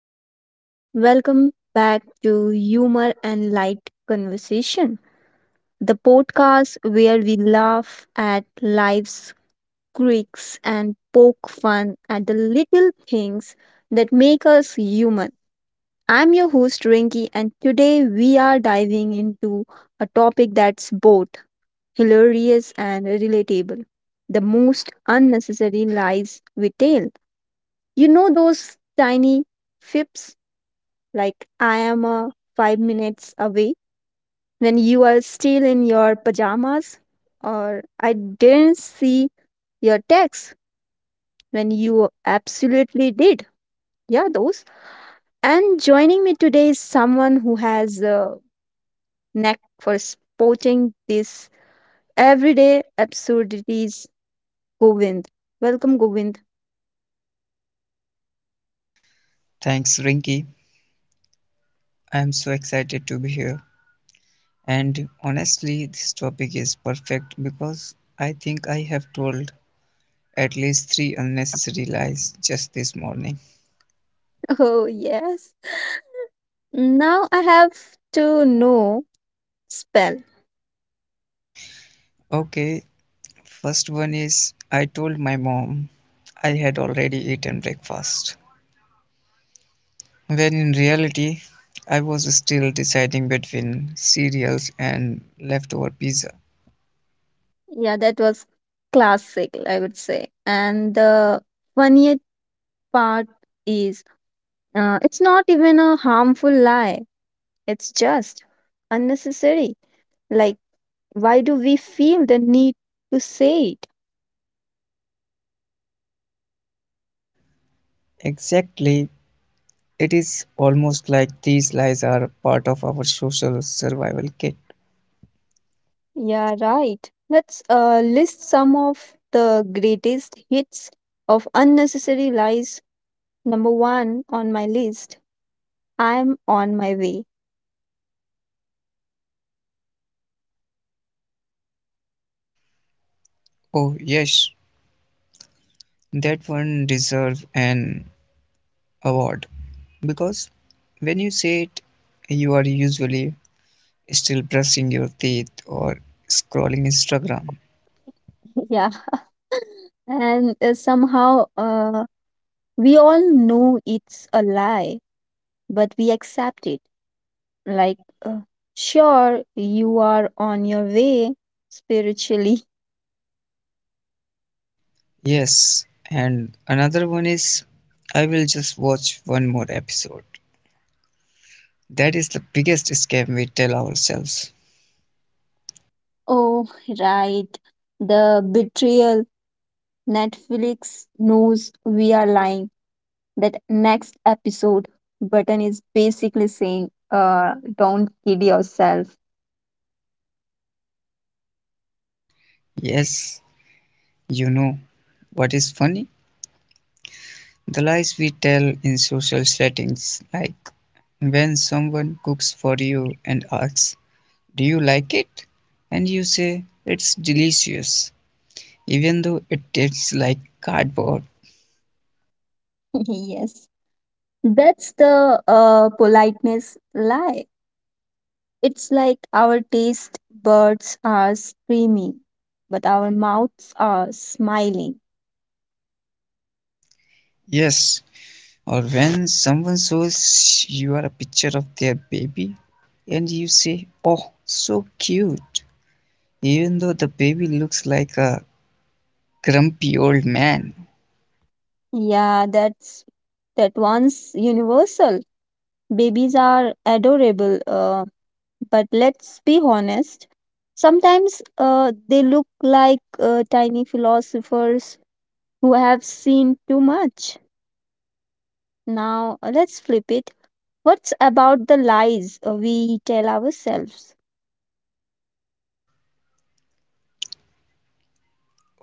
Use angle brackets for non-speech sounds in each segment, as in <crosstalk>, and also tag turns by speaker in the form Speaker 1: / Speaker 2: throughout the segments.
Speaker 1: Hello, everyone. Welcome back to Humor and Light Conversation, the podcast where we laugh at life's quirks and poke fun at the little things that make us human. I'm your host, Rinky, and today we are diving into a topic that's both hilarious and relatable, the most unnecessary lies we tell. You know, those tiny fips like I am 5 minutes away when you are still in your pajamas, or I didn't see your text when you absolutely did. Yeah, those. And joining me today is someone who has a knack for spotting these everyday absurdities, Govind. Welcome, Govind. <laughs>
Speaker 2: Thanks, Rinky. I'm so excited to be here. And honestly, this topic is perfect because I think I have told at least three unnecessary lies just this morning.
Speaker 1: Oh, yes. Now I have to know spell.
Speaker 2: Okay, first one is I told my mom I had already eaten breakfast, when in reality, I was still deciding between cereals and leftover pizza.
Speaker 1: Yeah, that was classic, I would say. And the funniest part is, it's not even a harmful lie, it's just unnecessary. Like, why do we feel the need to say it?
Speaker 2: Exactly. It is almost like these lies are part of our social survival kit.
Speaker 1: Yeah, right. Let's list some of the greatest hits of unnecessary lies. Number one on my list, I'm on my way.
Speaker 2: Oh, yes, that one deserves an award because when you say it, you are usually still brushing your teeth or scrolling Instagram.
Speaker 1: <laughs> Yeah, and somehow. We all know it's a lie, but we accept it. Like, uh, sure, you are on your way spiritually. <laughs>
Speaker 2: Yes, and another one is I will just watch one more episode. That is the biggest scam we tell ourselves.
Speaker 1: Oh, right. The betrayal. Netflix knows we are lying. That next episode button is basically saying, don't kid yourself.
Speaker 2: Yes, you know what is funny? The lies we tell in social settings, like when someone cooks for you and asks, do you like it? And you say, it's delicious, even though it tastes like cardboard.
Speaker 1: <laughs> Yes, that's the politeness lie. It's like our taste buds are screaming, but our mouths are smiling.
Speaker 2: Yes. Or when someone shows you a picture of their baby and you say, oh, so cute, even though the baby looks like a grumpy old man.
Speaker 1: Yeah, that one's universal. Babies are adorable, but let's be honest. Sometimes they look like tiny philosophers who have seen too much. Now, let's flip it. What's about the lies we tell ourselves?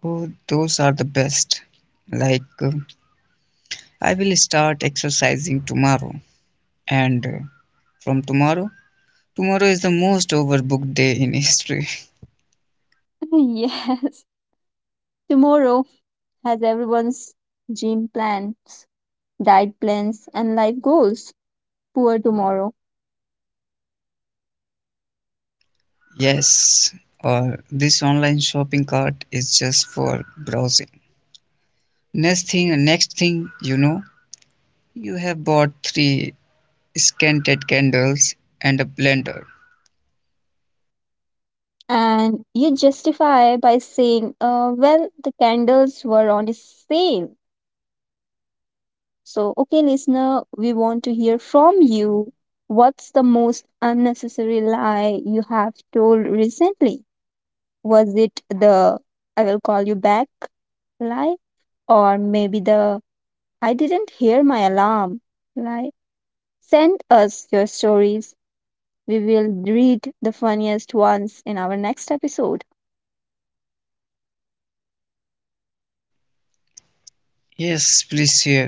Speaker 2: Oh, those are the best. Like, I will start exercising tomorrow, and from tomorrow, tomorrow is the most overbooked day in history.
Speaker 1: <laughs> Yes, tomorrow has everyone's gym plans, diet plans, and life goals, poor tomorrow.
Speaker 2: Yes, or this online shopping cart is just for browsing. Next thing you know, you have bought three scented candles and a blender.
Speaker 1: And you justify by saying, well, the candles were on a sale. So, okay, listener, we want to hear from you. What's the most unnecessary lie you have told recently? Was it the I will call you back lie? Or maybe the I didn't hear my alarm lie? Send us your stories. We will read the funniest ones in our next episode.
Speaker 2: Yes, please share.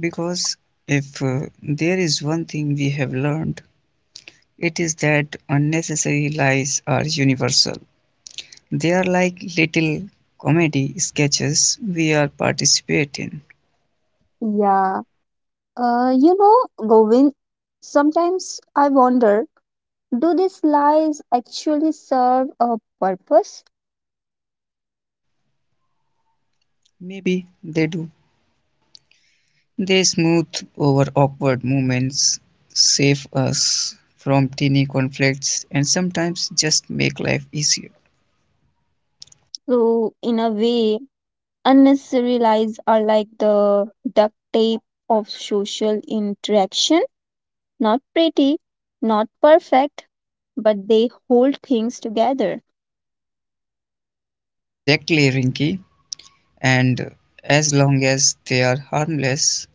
Speaker 2: Because if there is one thing we have learned, it is that unnecessary lies are universal. They are like little comedy sketches we are participate in.
Speaker 1: Yeah. You know, Govind, sometimes I wonder, do these lies actually serve a purpose?
Speaker 2: Maybe they do. They smooth over awkward moments, save us from teeny conflicts, and sometimes just make life easier.
Speaker 1: So, in a way, unnecessary lies are like the duct tape of social interaction. Not pretty, not perfect, but they hold things together.
Speaker 2: Exactly, Rinky. And as long as they are harmless,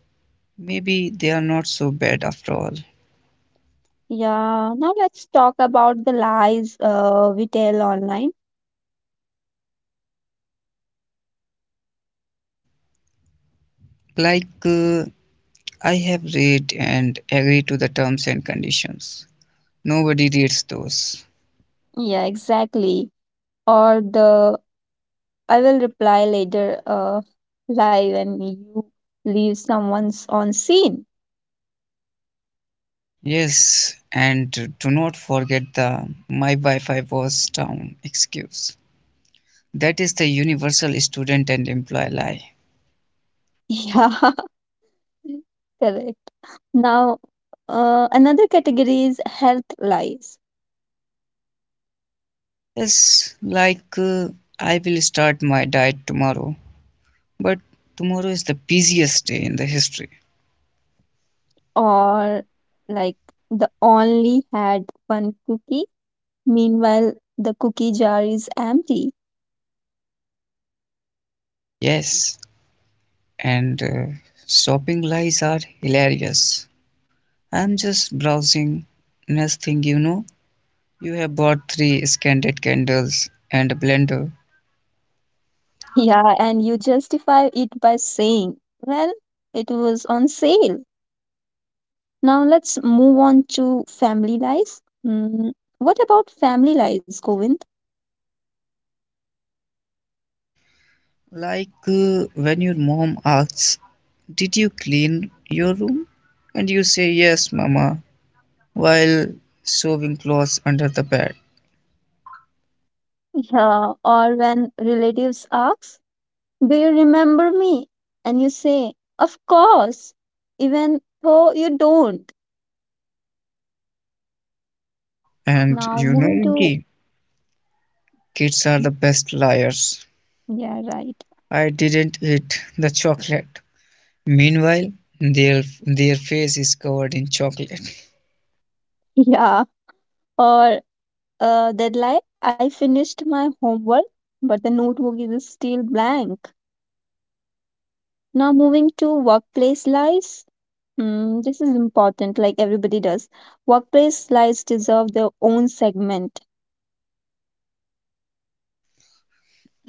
Speaker 2: maybe they are not so bad after all.
Speaker 1: Yeah, now let's talk about the lies we tell online.
Speaker 2: Like, I have read and agree to the terms and conditions. Nobody reads those.
Speaker 1: Yeah, exactly. Or the I will reply later live and you leave someone's on scene.
Speaker 2: Yes, and do not forget the my Wi Fi was down excuse. That is the universal student and employee lie.
Speaker 1: <laughs> Yeah, correct. Now, uh, another category is health lies,
Speaker 2: Yes, like I will start my diet tomorrow, but tomorrow is the busiest day in the history.
Speaker 1: or like the only had one cookie. Meanwhile, the cookie jar is empty.
Speaker 2: Yes, and shopping lies are hilarious. I'm just browsing. Next thing you know, you have bought three scented candles and a blender.
Speaker 1: Yeah, and you justify it by saying, well, it was on sale. Now let's move on to family life. Mm, what about family lives, Govind?
Speaker 2: Like when your mom asks, did you clean your room? And you say, yes, mama, while shoving clothes under the bed.
Speaker 1: Yeah, or when relatives ask, do you remember me? And you say, of course, even though you don't.
Speaker 2: And
Speaker 1: Now
Speaker 2: you know,
Speaker 1: moving to,
Speaker 2: Winky, kids are the best liars.
Speaker 1: yeah, right.
Speaker 2: I didn't eat the chocolate. Meanwhile, their face is covered in chocolate.
Speaker 1: <laughs> Yeah, or deadline. I finished my homework, but the notebook is still blank. Now moving to workplace lives. Mm, this is important, like everybody does. Workplace lives deserve their own segment,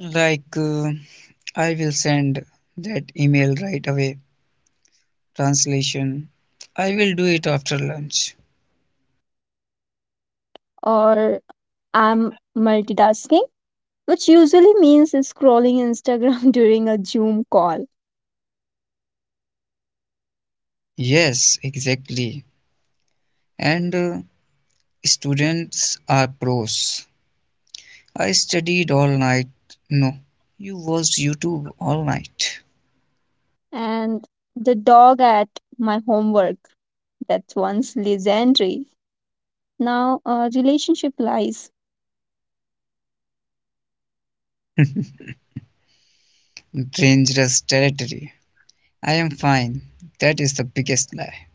Speaker 2: Like, I will send that email right away. Translation, I will do it after lunch.
Speaker 1: or I'm multitasking, which usually means scrolling Instagram <laughs> during a Zoom call.
Speaker 2: Yes, exactly. And students are pros. I studied all night. No, you watched YouTube all night.
Speaker 1: And the dog at my homework, that's once legendary. Now, relationship lies,
Speaker 2: <laughs> Dangerous territory. I am fine. That is the biggest lie.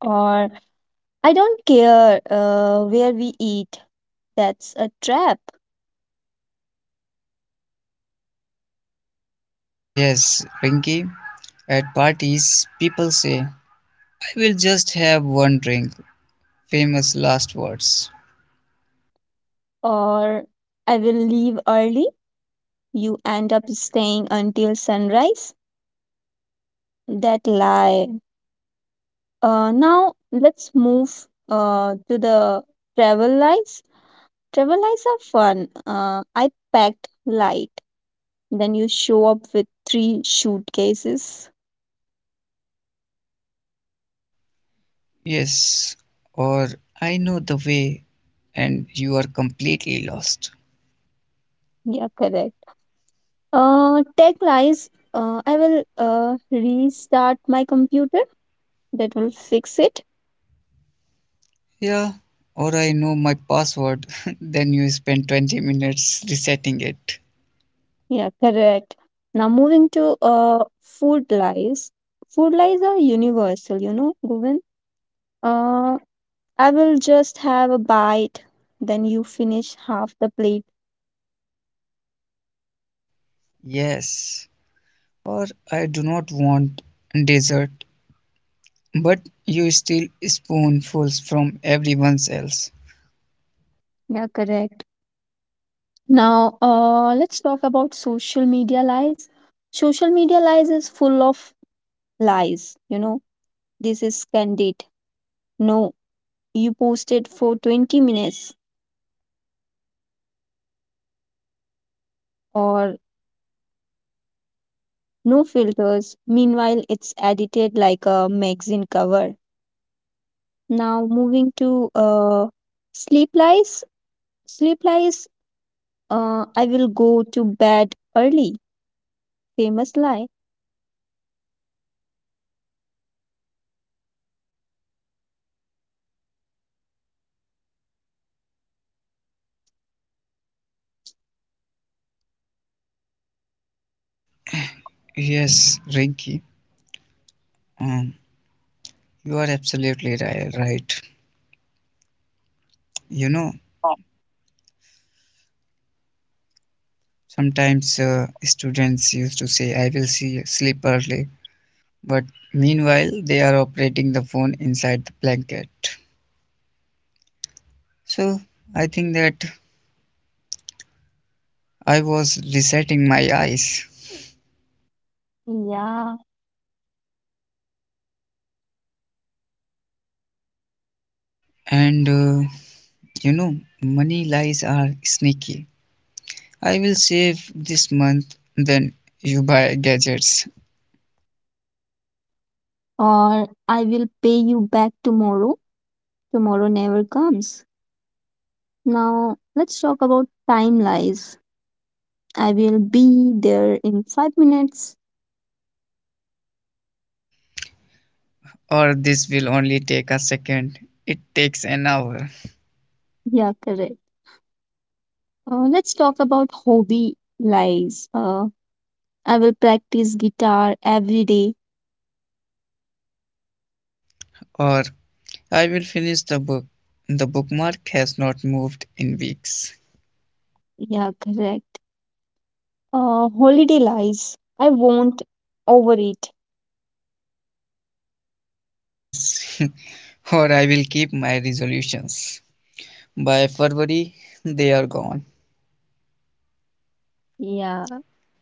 Speaker 1: or I don't care where we eat, that's a trap,
Speaker 2: Yes, Rinky, at parties, people say, I will just have one drink. Famous last words.
Speaker 1: or I will leave early. You end up staying until sunrise. That lie. Now let's move to the travel lies. Travel lies are fun. I packed light. Then you show up with three suitcases.
Speaker 2: Yes, or I know the way and you are completely lost.
Speaker 1: Yeah, correct. Tech lies. I will restart my computer. That will fix it.
Speaker 2: Yeah, or I know my password, <laughs> then you spend 20 minutes resetting it.
Speaker 1: Yeah, correct. Now moving to food lies. Food lies are universal, you know, Govind. Uh, I will just have a bite, then you finish half the plate.
Speaker 2: Yes, or I do not want dessert, but you steal spoonfuls from everyone else.
Speaker 1: Yeah, correct. Now, let's talk about social media lies. Social media lies is full of lies. You know, this is candid. No, you posted for 20 minutes, or no filters. Meanwhile, it's edited like a magazine cover. Now, moving to sleep lies. Sleep lies, I will go to bed early. Famous lie.
Speaker 2: Yes, Rinky, um, you are absolutely right. You know, sometimes students used to say, I will see sleep early, but meanwhile, they are operating the phone inside the blanket. So, I think that I was resetting my eyes.
Speaker 1: Yeah,
Speaker 2: And you know, money lies are sneaky. I will save this month, then you buy gadgets.
Speaker 1: or I will pay you back tomorrow. Tomorrow never comes. Now, let's talk about time lies. I will be there in 5 minutes.
Speaker 2: Or this will only take a second. It takes an hour.
Speaker 1: Yeah, correct. Let's talk about hobby lies. I will practice guitar every day.
Speaker 2: Or I will finish the book. The bookmark has not moved in weeks.
Speaker 1: Yeah, correct. Holiday lies. I won't overeat.
Speaker 2: Yes, <laughs> or I will keep my resolutions. By February, they are gone.
Speaker 1: Yeah,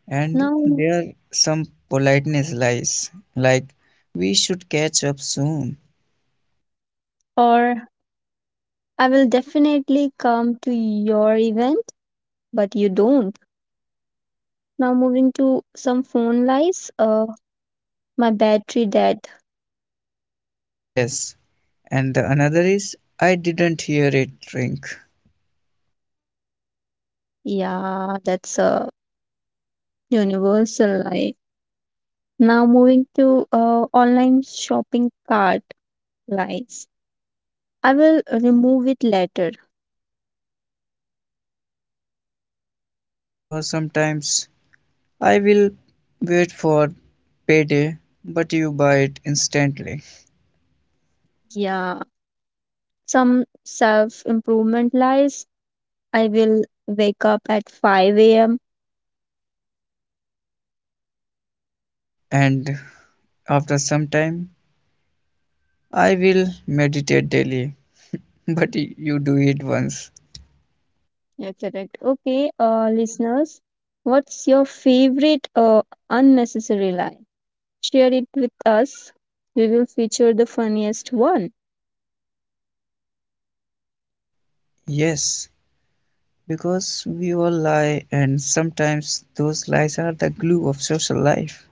Speaker 2: And
Speaker 1: now,
Speaker 2: there are some politeness lies, like we should catch up soon.
Speaker 1: or I will definitely come to your event, but you don't. Now moving to some phone lies. My battery dead.
Speaker 2: Yes, and the another is I didn't hear it ring.
Speaker 1: Yeah, that's a universal lie. Now moving to online shopping cart lies. I will remove it later.
Speaker 2: Yes, or sometimes I will wait for payday, but you buy it instantly.
Speaker 1: Yeah, some self improvement lies. I will wake up at 5 a.m.
Speaker 2: And after some time, I will meditate daily, but you do it once.
Speaker 1: Yeah, correct. Okay, listeners, what's your favorite unnecessary lie? Share it with us. We will feature the funniest one.
Speaker 2: Yes, because we all lie, and sometimes those lies are the glue of social life.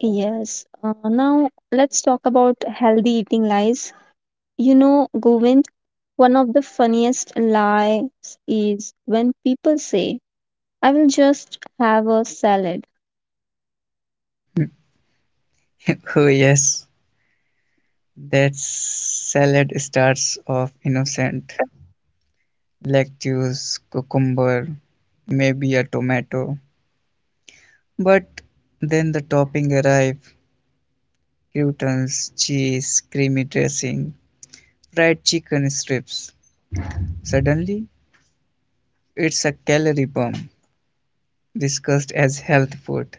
Speaker 1: Yes. Now let's talk about healthy eating lies. You know, Govind, one of the funniest lies is when people say, I will just have a salad.
Speaker 2: <laughs> Oh, yes, that salad starts off innocent, lettuce, cucumber, maybe a tomato, but then the topping arrive, croutons, cheese, creamy dressing, fried chicken strips. Suddenly, it's a calorie bomb discussed as health food.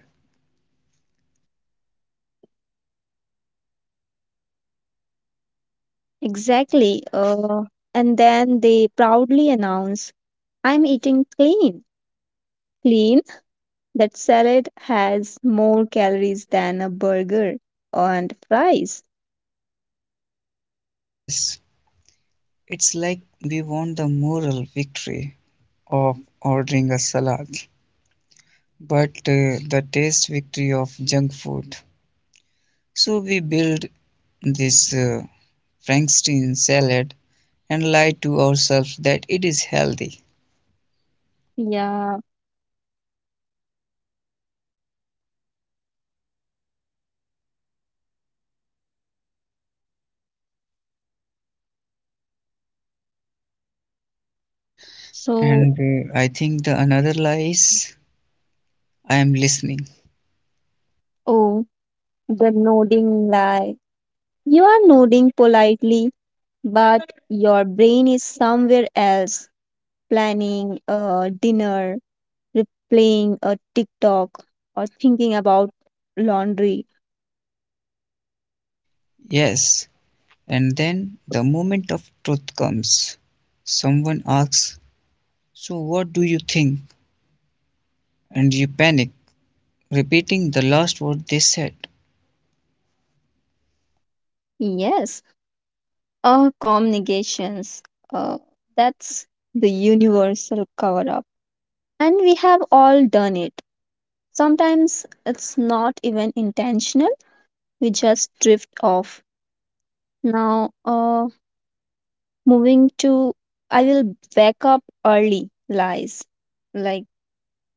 Speaker 1: Exactly. And then they proudly announce, I'm eating clean. Clean? That salad has more calories than a burger and fries.
Speaker 2: Yes, it's like we won the moral victory of ordering a salad, but the taste victory of junk food. So we build this Frankenstein salad and lie to ourselves that it is healthy.
Speaker 1: Yeah. So,
Speaker 2: And I think the another lie is I am listening.
Speaker 1: oh, the nodding lie. You are nodding politely, but your brain is somewhere else, planning a dinner, replaying a TikTok, or thinking about laundry.
Speaker 2: Yes. And then the moment of truth comes. Someone asks, so what do you think? And you panic, repeating the last word they said.
Speaker 1: Yes, or communications. Uh, that's the universal cover up. And we have all done it. Sometimes it's not even intentional, we just drift off. Now, moving to I will wake up early lies. Like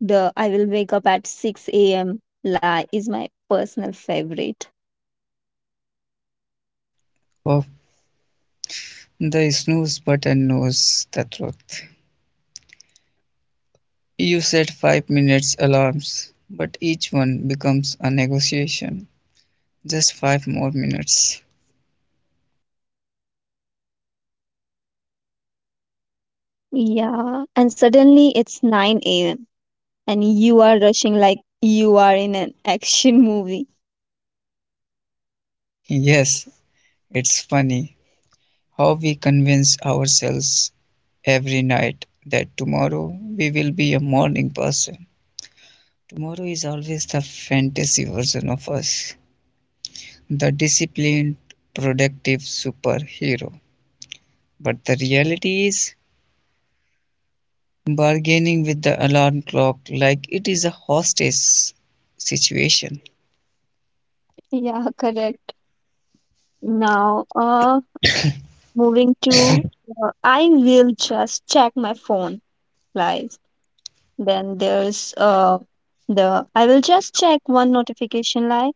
Speaker 1: the I will wake up at 6 a.m. lie is my personal favorite.
Speaker 2: Of the snooze button knows the truth. You set 5 minutes alarms, but each one becomes a negotiation. Just five more minutes.
Speaker 1: Yeah. And suddenly it's 9 a.m. and you are rushing like you are in an <laughs> action movie.
Speaker 2: Yes, it's funny how we convince ourselves every night that tomorrow we will be a morning person. Tomorrow is always the fantasy version of us, the disciplined, productive superhero. But the reality is bargaining with the alarm clock like it is a hostage situation.
Speaker 1: Yeah, correct. Now, moving to I will just check my phone lies. Then there's the I will just check one notification line.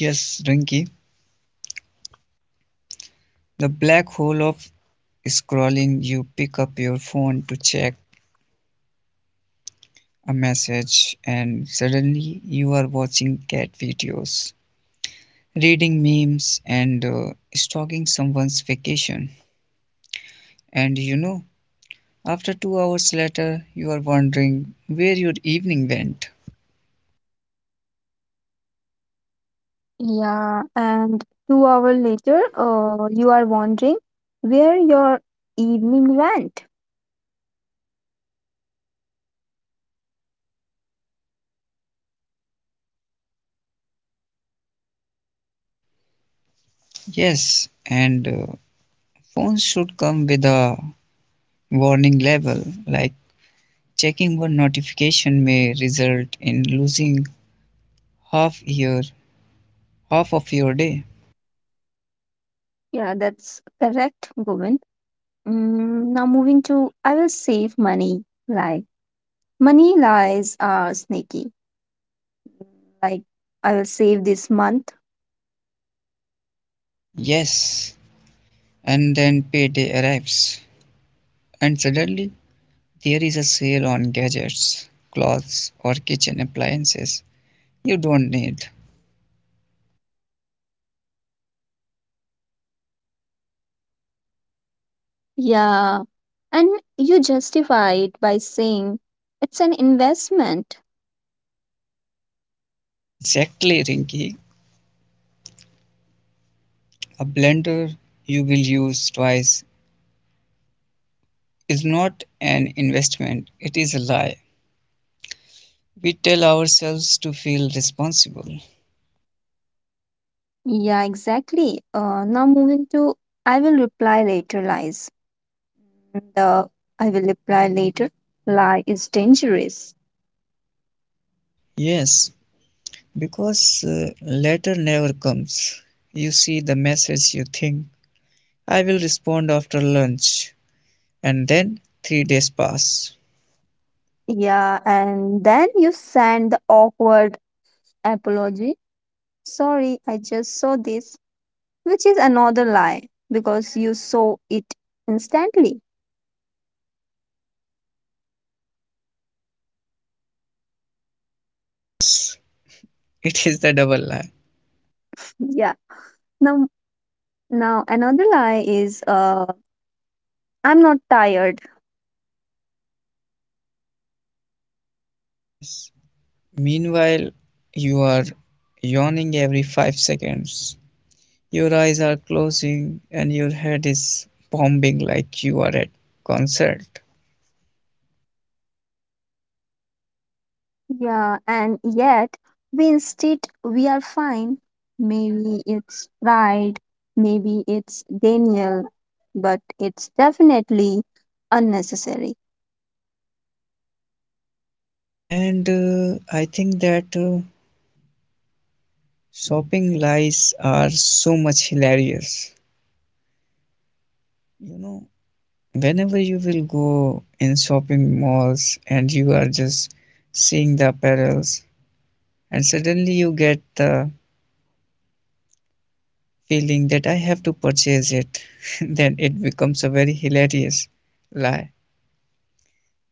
Speaker 2: Yes, Rinky, the black hole of scrolling, you pick up your phone to check a message, and suddenly you are watching cat videos, reading memes, and stalking someone's vacation. And you know, after 2 hours later, you are wondering where your evening went.
Speaker 1: Yeah, and 2 hours later, you are wondering where your evening went.
Speaker 2: Yes, and phones should come with a warning label like checking one notification may result in losing half year half of your day.
Speaker 1: Yeah, that's correct, Govind. Mm, now moving to I will save money lie. Money lies are sneaky. Like I will save this month.
Speaker 2: Yes, and then payday arrives and suddenly there is a sale on gadgets, clothes or kitchen appliances you don't need.
Speaker 1: Yeah, and you justify it by saying it's an investment.
Speaker 2: Exactly, Rinky. A blender you will use twice is not an investment, it is a lie. We tell ourselves to feel responsible.
Speaker 1: Yeah, exactly. Now moving to I will reply later lies. The I will reply later lie is dangerous.
Speaker 2: Yes, because later never comes. You see the message, you think, I will respond after lunch, and then 3 days pass.
Speaker 1: Yeah, and then you send the awkward apology. Sorry, I just saw this, which is another lie because you saw it instantly.
Speaker 2: Yes, <laughs> it is the double lie.
Speaker 1: Yeah. Now, now, another lie is I'm not tired.
Speaker 2: Yes. Meanwhile, you are yawning every 5 seconds. Your eyes are closing and your head is bombing like you are at concert.
Speaker 1: Yeah, and yet we insist we are fine. Maybe it's pride, maybe it's Daniel, but it's definitely unnecessary.
Speaker 2: And I think that shopping lies are so much hilarious. You know, whenever you will go in shopping malls and you are just seeing the apparels, and suddenly you get the feeling that I have to purchase it, <laughs> then it becomes a very hilarious lie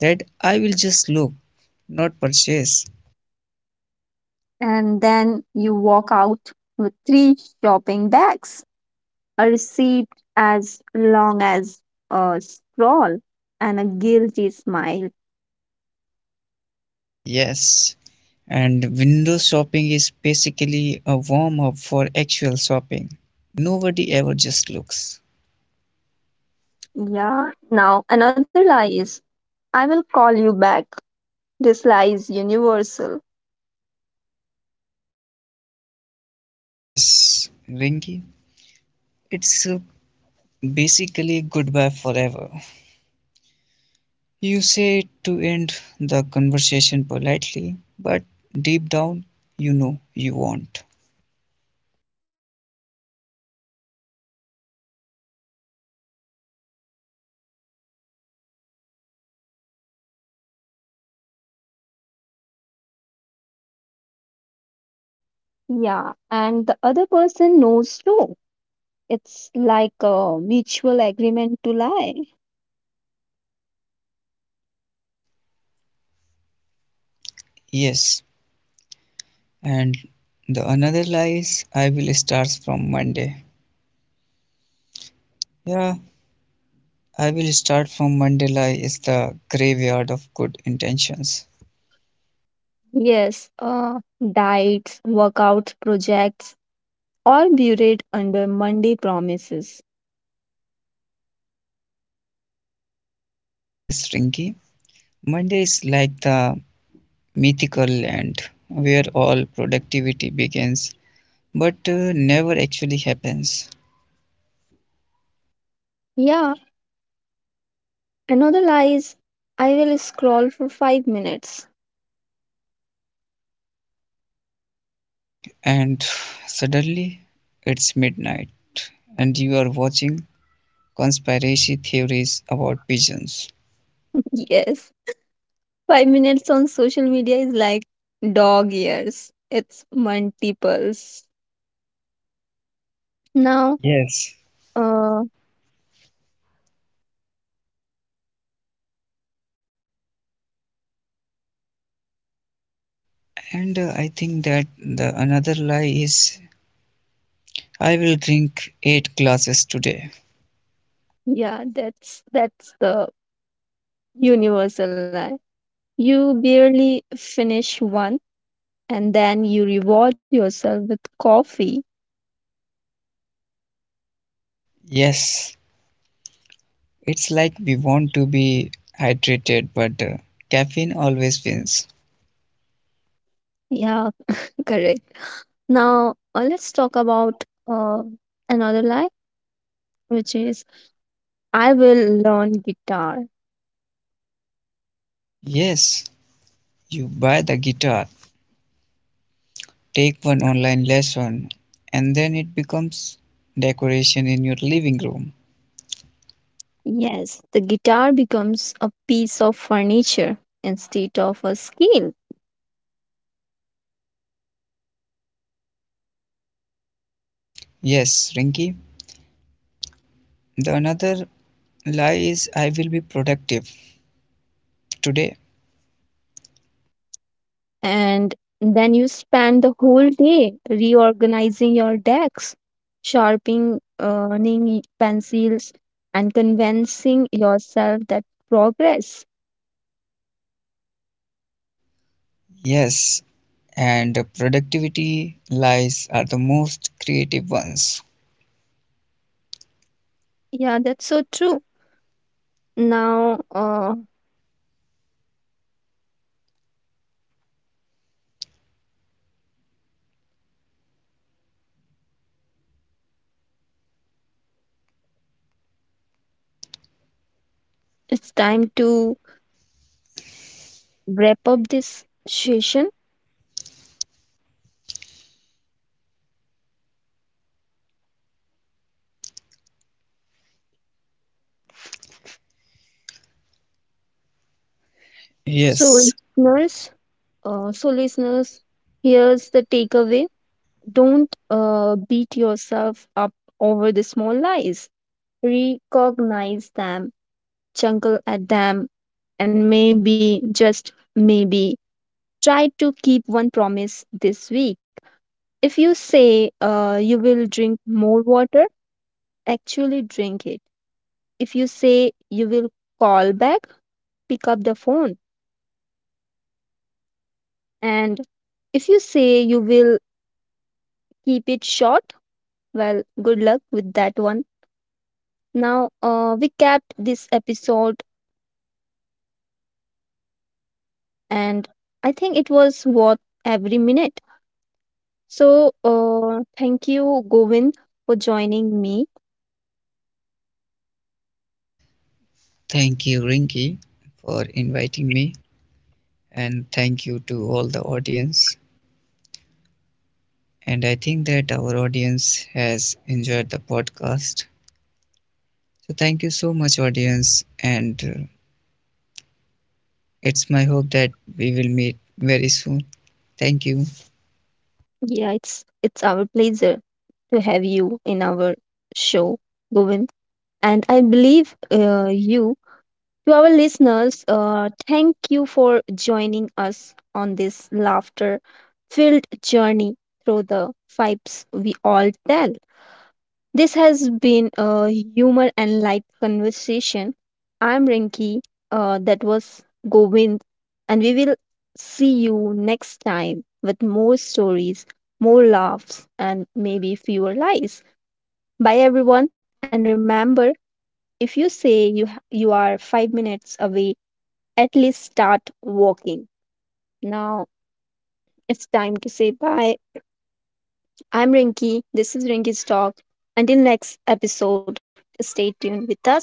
Speaker 2: that I will just look, not purchase.
Speaker 1: And then you walk out with three shopping bags, a receipt as long as a scroll, and a guilty smile.
Speaker 2: Yes, and window shopping is basically a warm up for actual shopping. Nobody ever just looks.
Speaker 1: Yeah, now another lie is I will call you back. This lie is universal.
Speaker 2: Yes, Ringy, it's basically goodbye forever. You say it to end the conversation politely, but deep down, you know you won't.
Speaker 1: Yeah, and the other person knows too. It's like a mutual agreement to lie.
Speaker 2: Yes, and the another lie is I will start from Monday. Yeah, I will start from Monday lie is the graveyard of good intentions.
Speaker 1: Yes, diets, workout projects, all buried under Monday promises.
Speaker 2: Yes, Rinky, Monday is like the mythical land where all productivity begins but never actually happens.
Speaker 1: Yeah, another lie is I will scroll for 5 minutes.
Speaker 2: And suddenly it's midnight and you are watching conspiracy theories about pigeons.
Speaker 1: <laughs> Yes, 5 minutes on social media is like dog years. It's multiples. Now,
Speaker 2: Yes.
Speaker 1: uh,
Speaker 2: And I think that the another lie is I will drink 8 glasses today.
Speaker 1: yeah, that's the universal lie. You barely finish one and then you reward yourself with coffee.
Speaker 2: Yes. It's like we want to be hydrated but caffeine always wins.
Speaker 1: Yeah, correct. Now, let's talk about another lie, which is I will learn guitar.
Speaker 2: Yes. You buy the guitar, take one online lesson, and then it becomes decoration in your living room.
Speaker 1: Yes, the guitar becomes a piece of furniture instead of a skill.
Speaker 2: Yes, Rinky. The another lie is I will be productive today.
Speaker 1: And then you spend the whole day reorganizing your decks, sharpening pencils, and convincing yourself that progress.
Speaker 2: Yes, and the productivity lies are the most creative ones.
Speaker 1: Yeah, that's so true. Now, it's time to wrap up this session. So,
Speaker 2: Yes,
Speaker 1: listeners, so, listeners, here's the takeaway: don't beat yourself up over the small lies. Recognize them, chuckle at them, and maybe, just maybe, try to keep one promise this week. If you say you will drink more water, actually drink it. If you say you will call back, pick up the phone. And if you say you will keep it short, well, good luck with that one. Now, we capped this episode, and I think it was worth every minute. So, thank you, Govind, for joining me.
Speaker 2: thank you, Rinky, for inviting me, and thank you to all the audience. And I think that our audience has enjoyed the podcast. So thank you so much, audience, and it's my hope that we will meet very soon. Thank you.
Speaker 1: Yeah, it's our pleasure to have you in our show, Govind. And I believe you, to our listeners, thank you for joining us on this laughter-filled journey through the pipes we all tell. This has been a humor and light conversation. I'm Rinki, that was Govind, and we will see you next time with more stories, more laughs, and maybe fewer lies. Bye, everyone, and remember, if you say you are 5 minutes away, at least start walking. Now it's time to say bye. I'm Rinki, this is Rinki's Talk. Until next episode, stay tuned with us.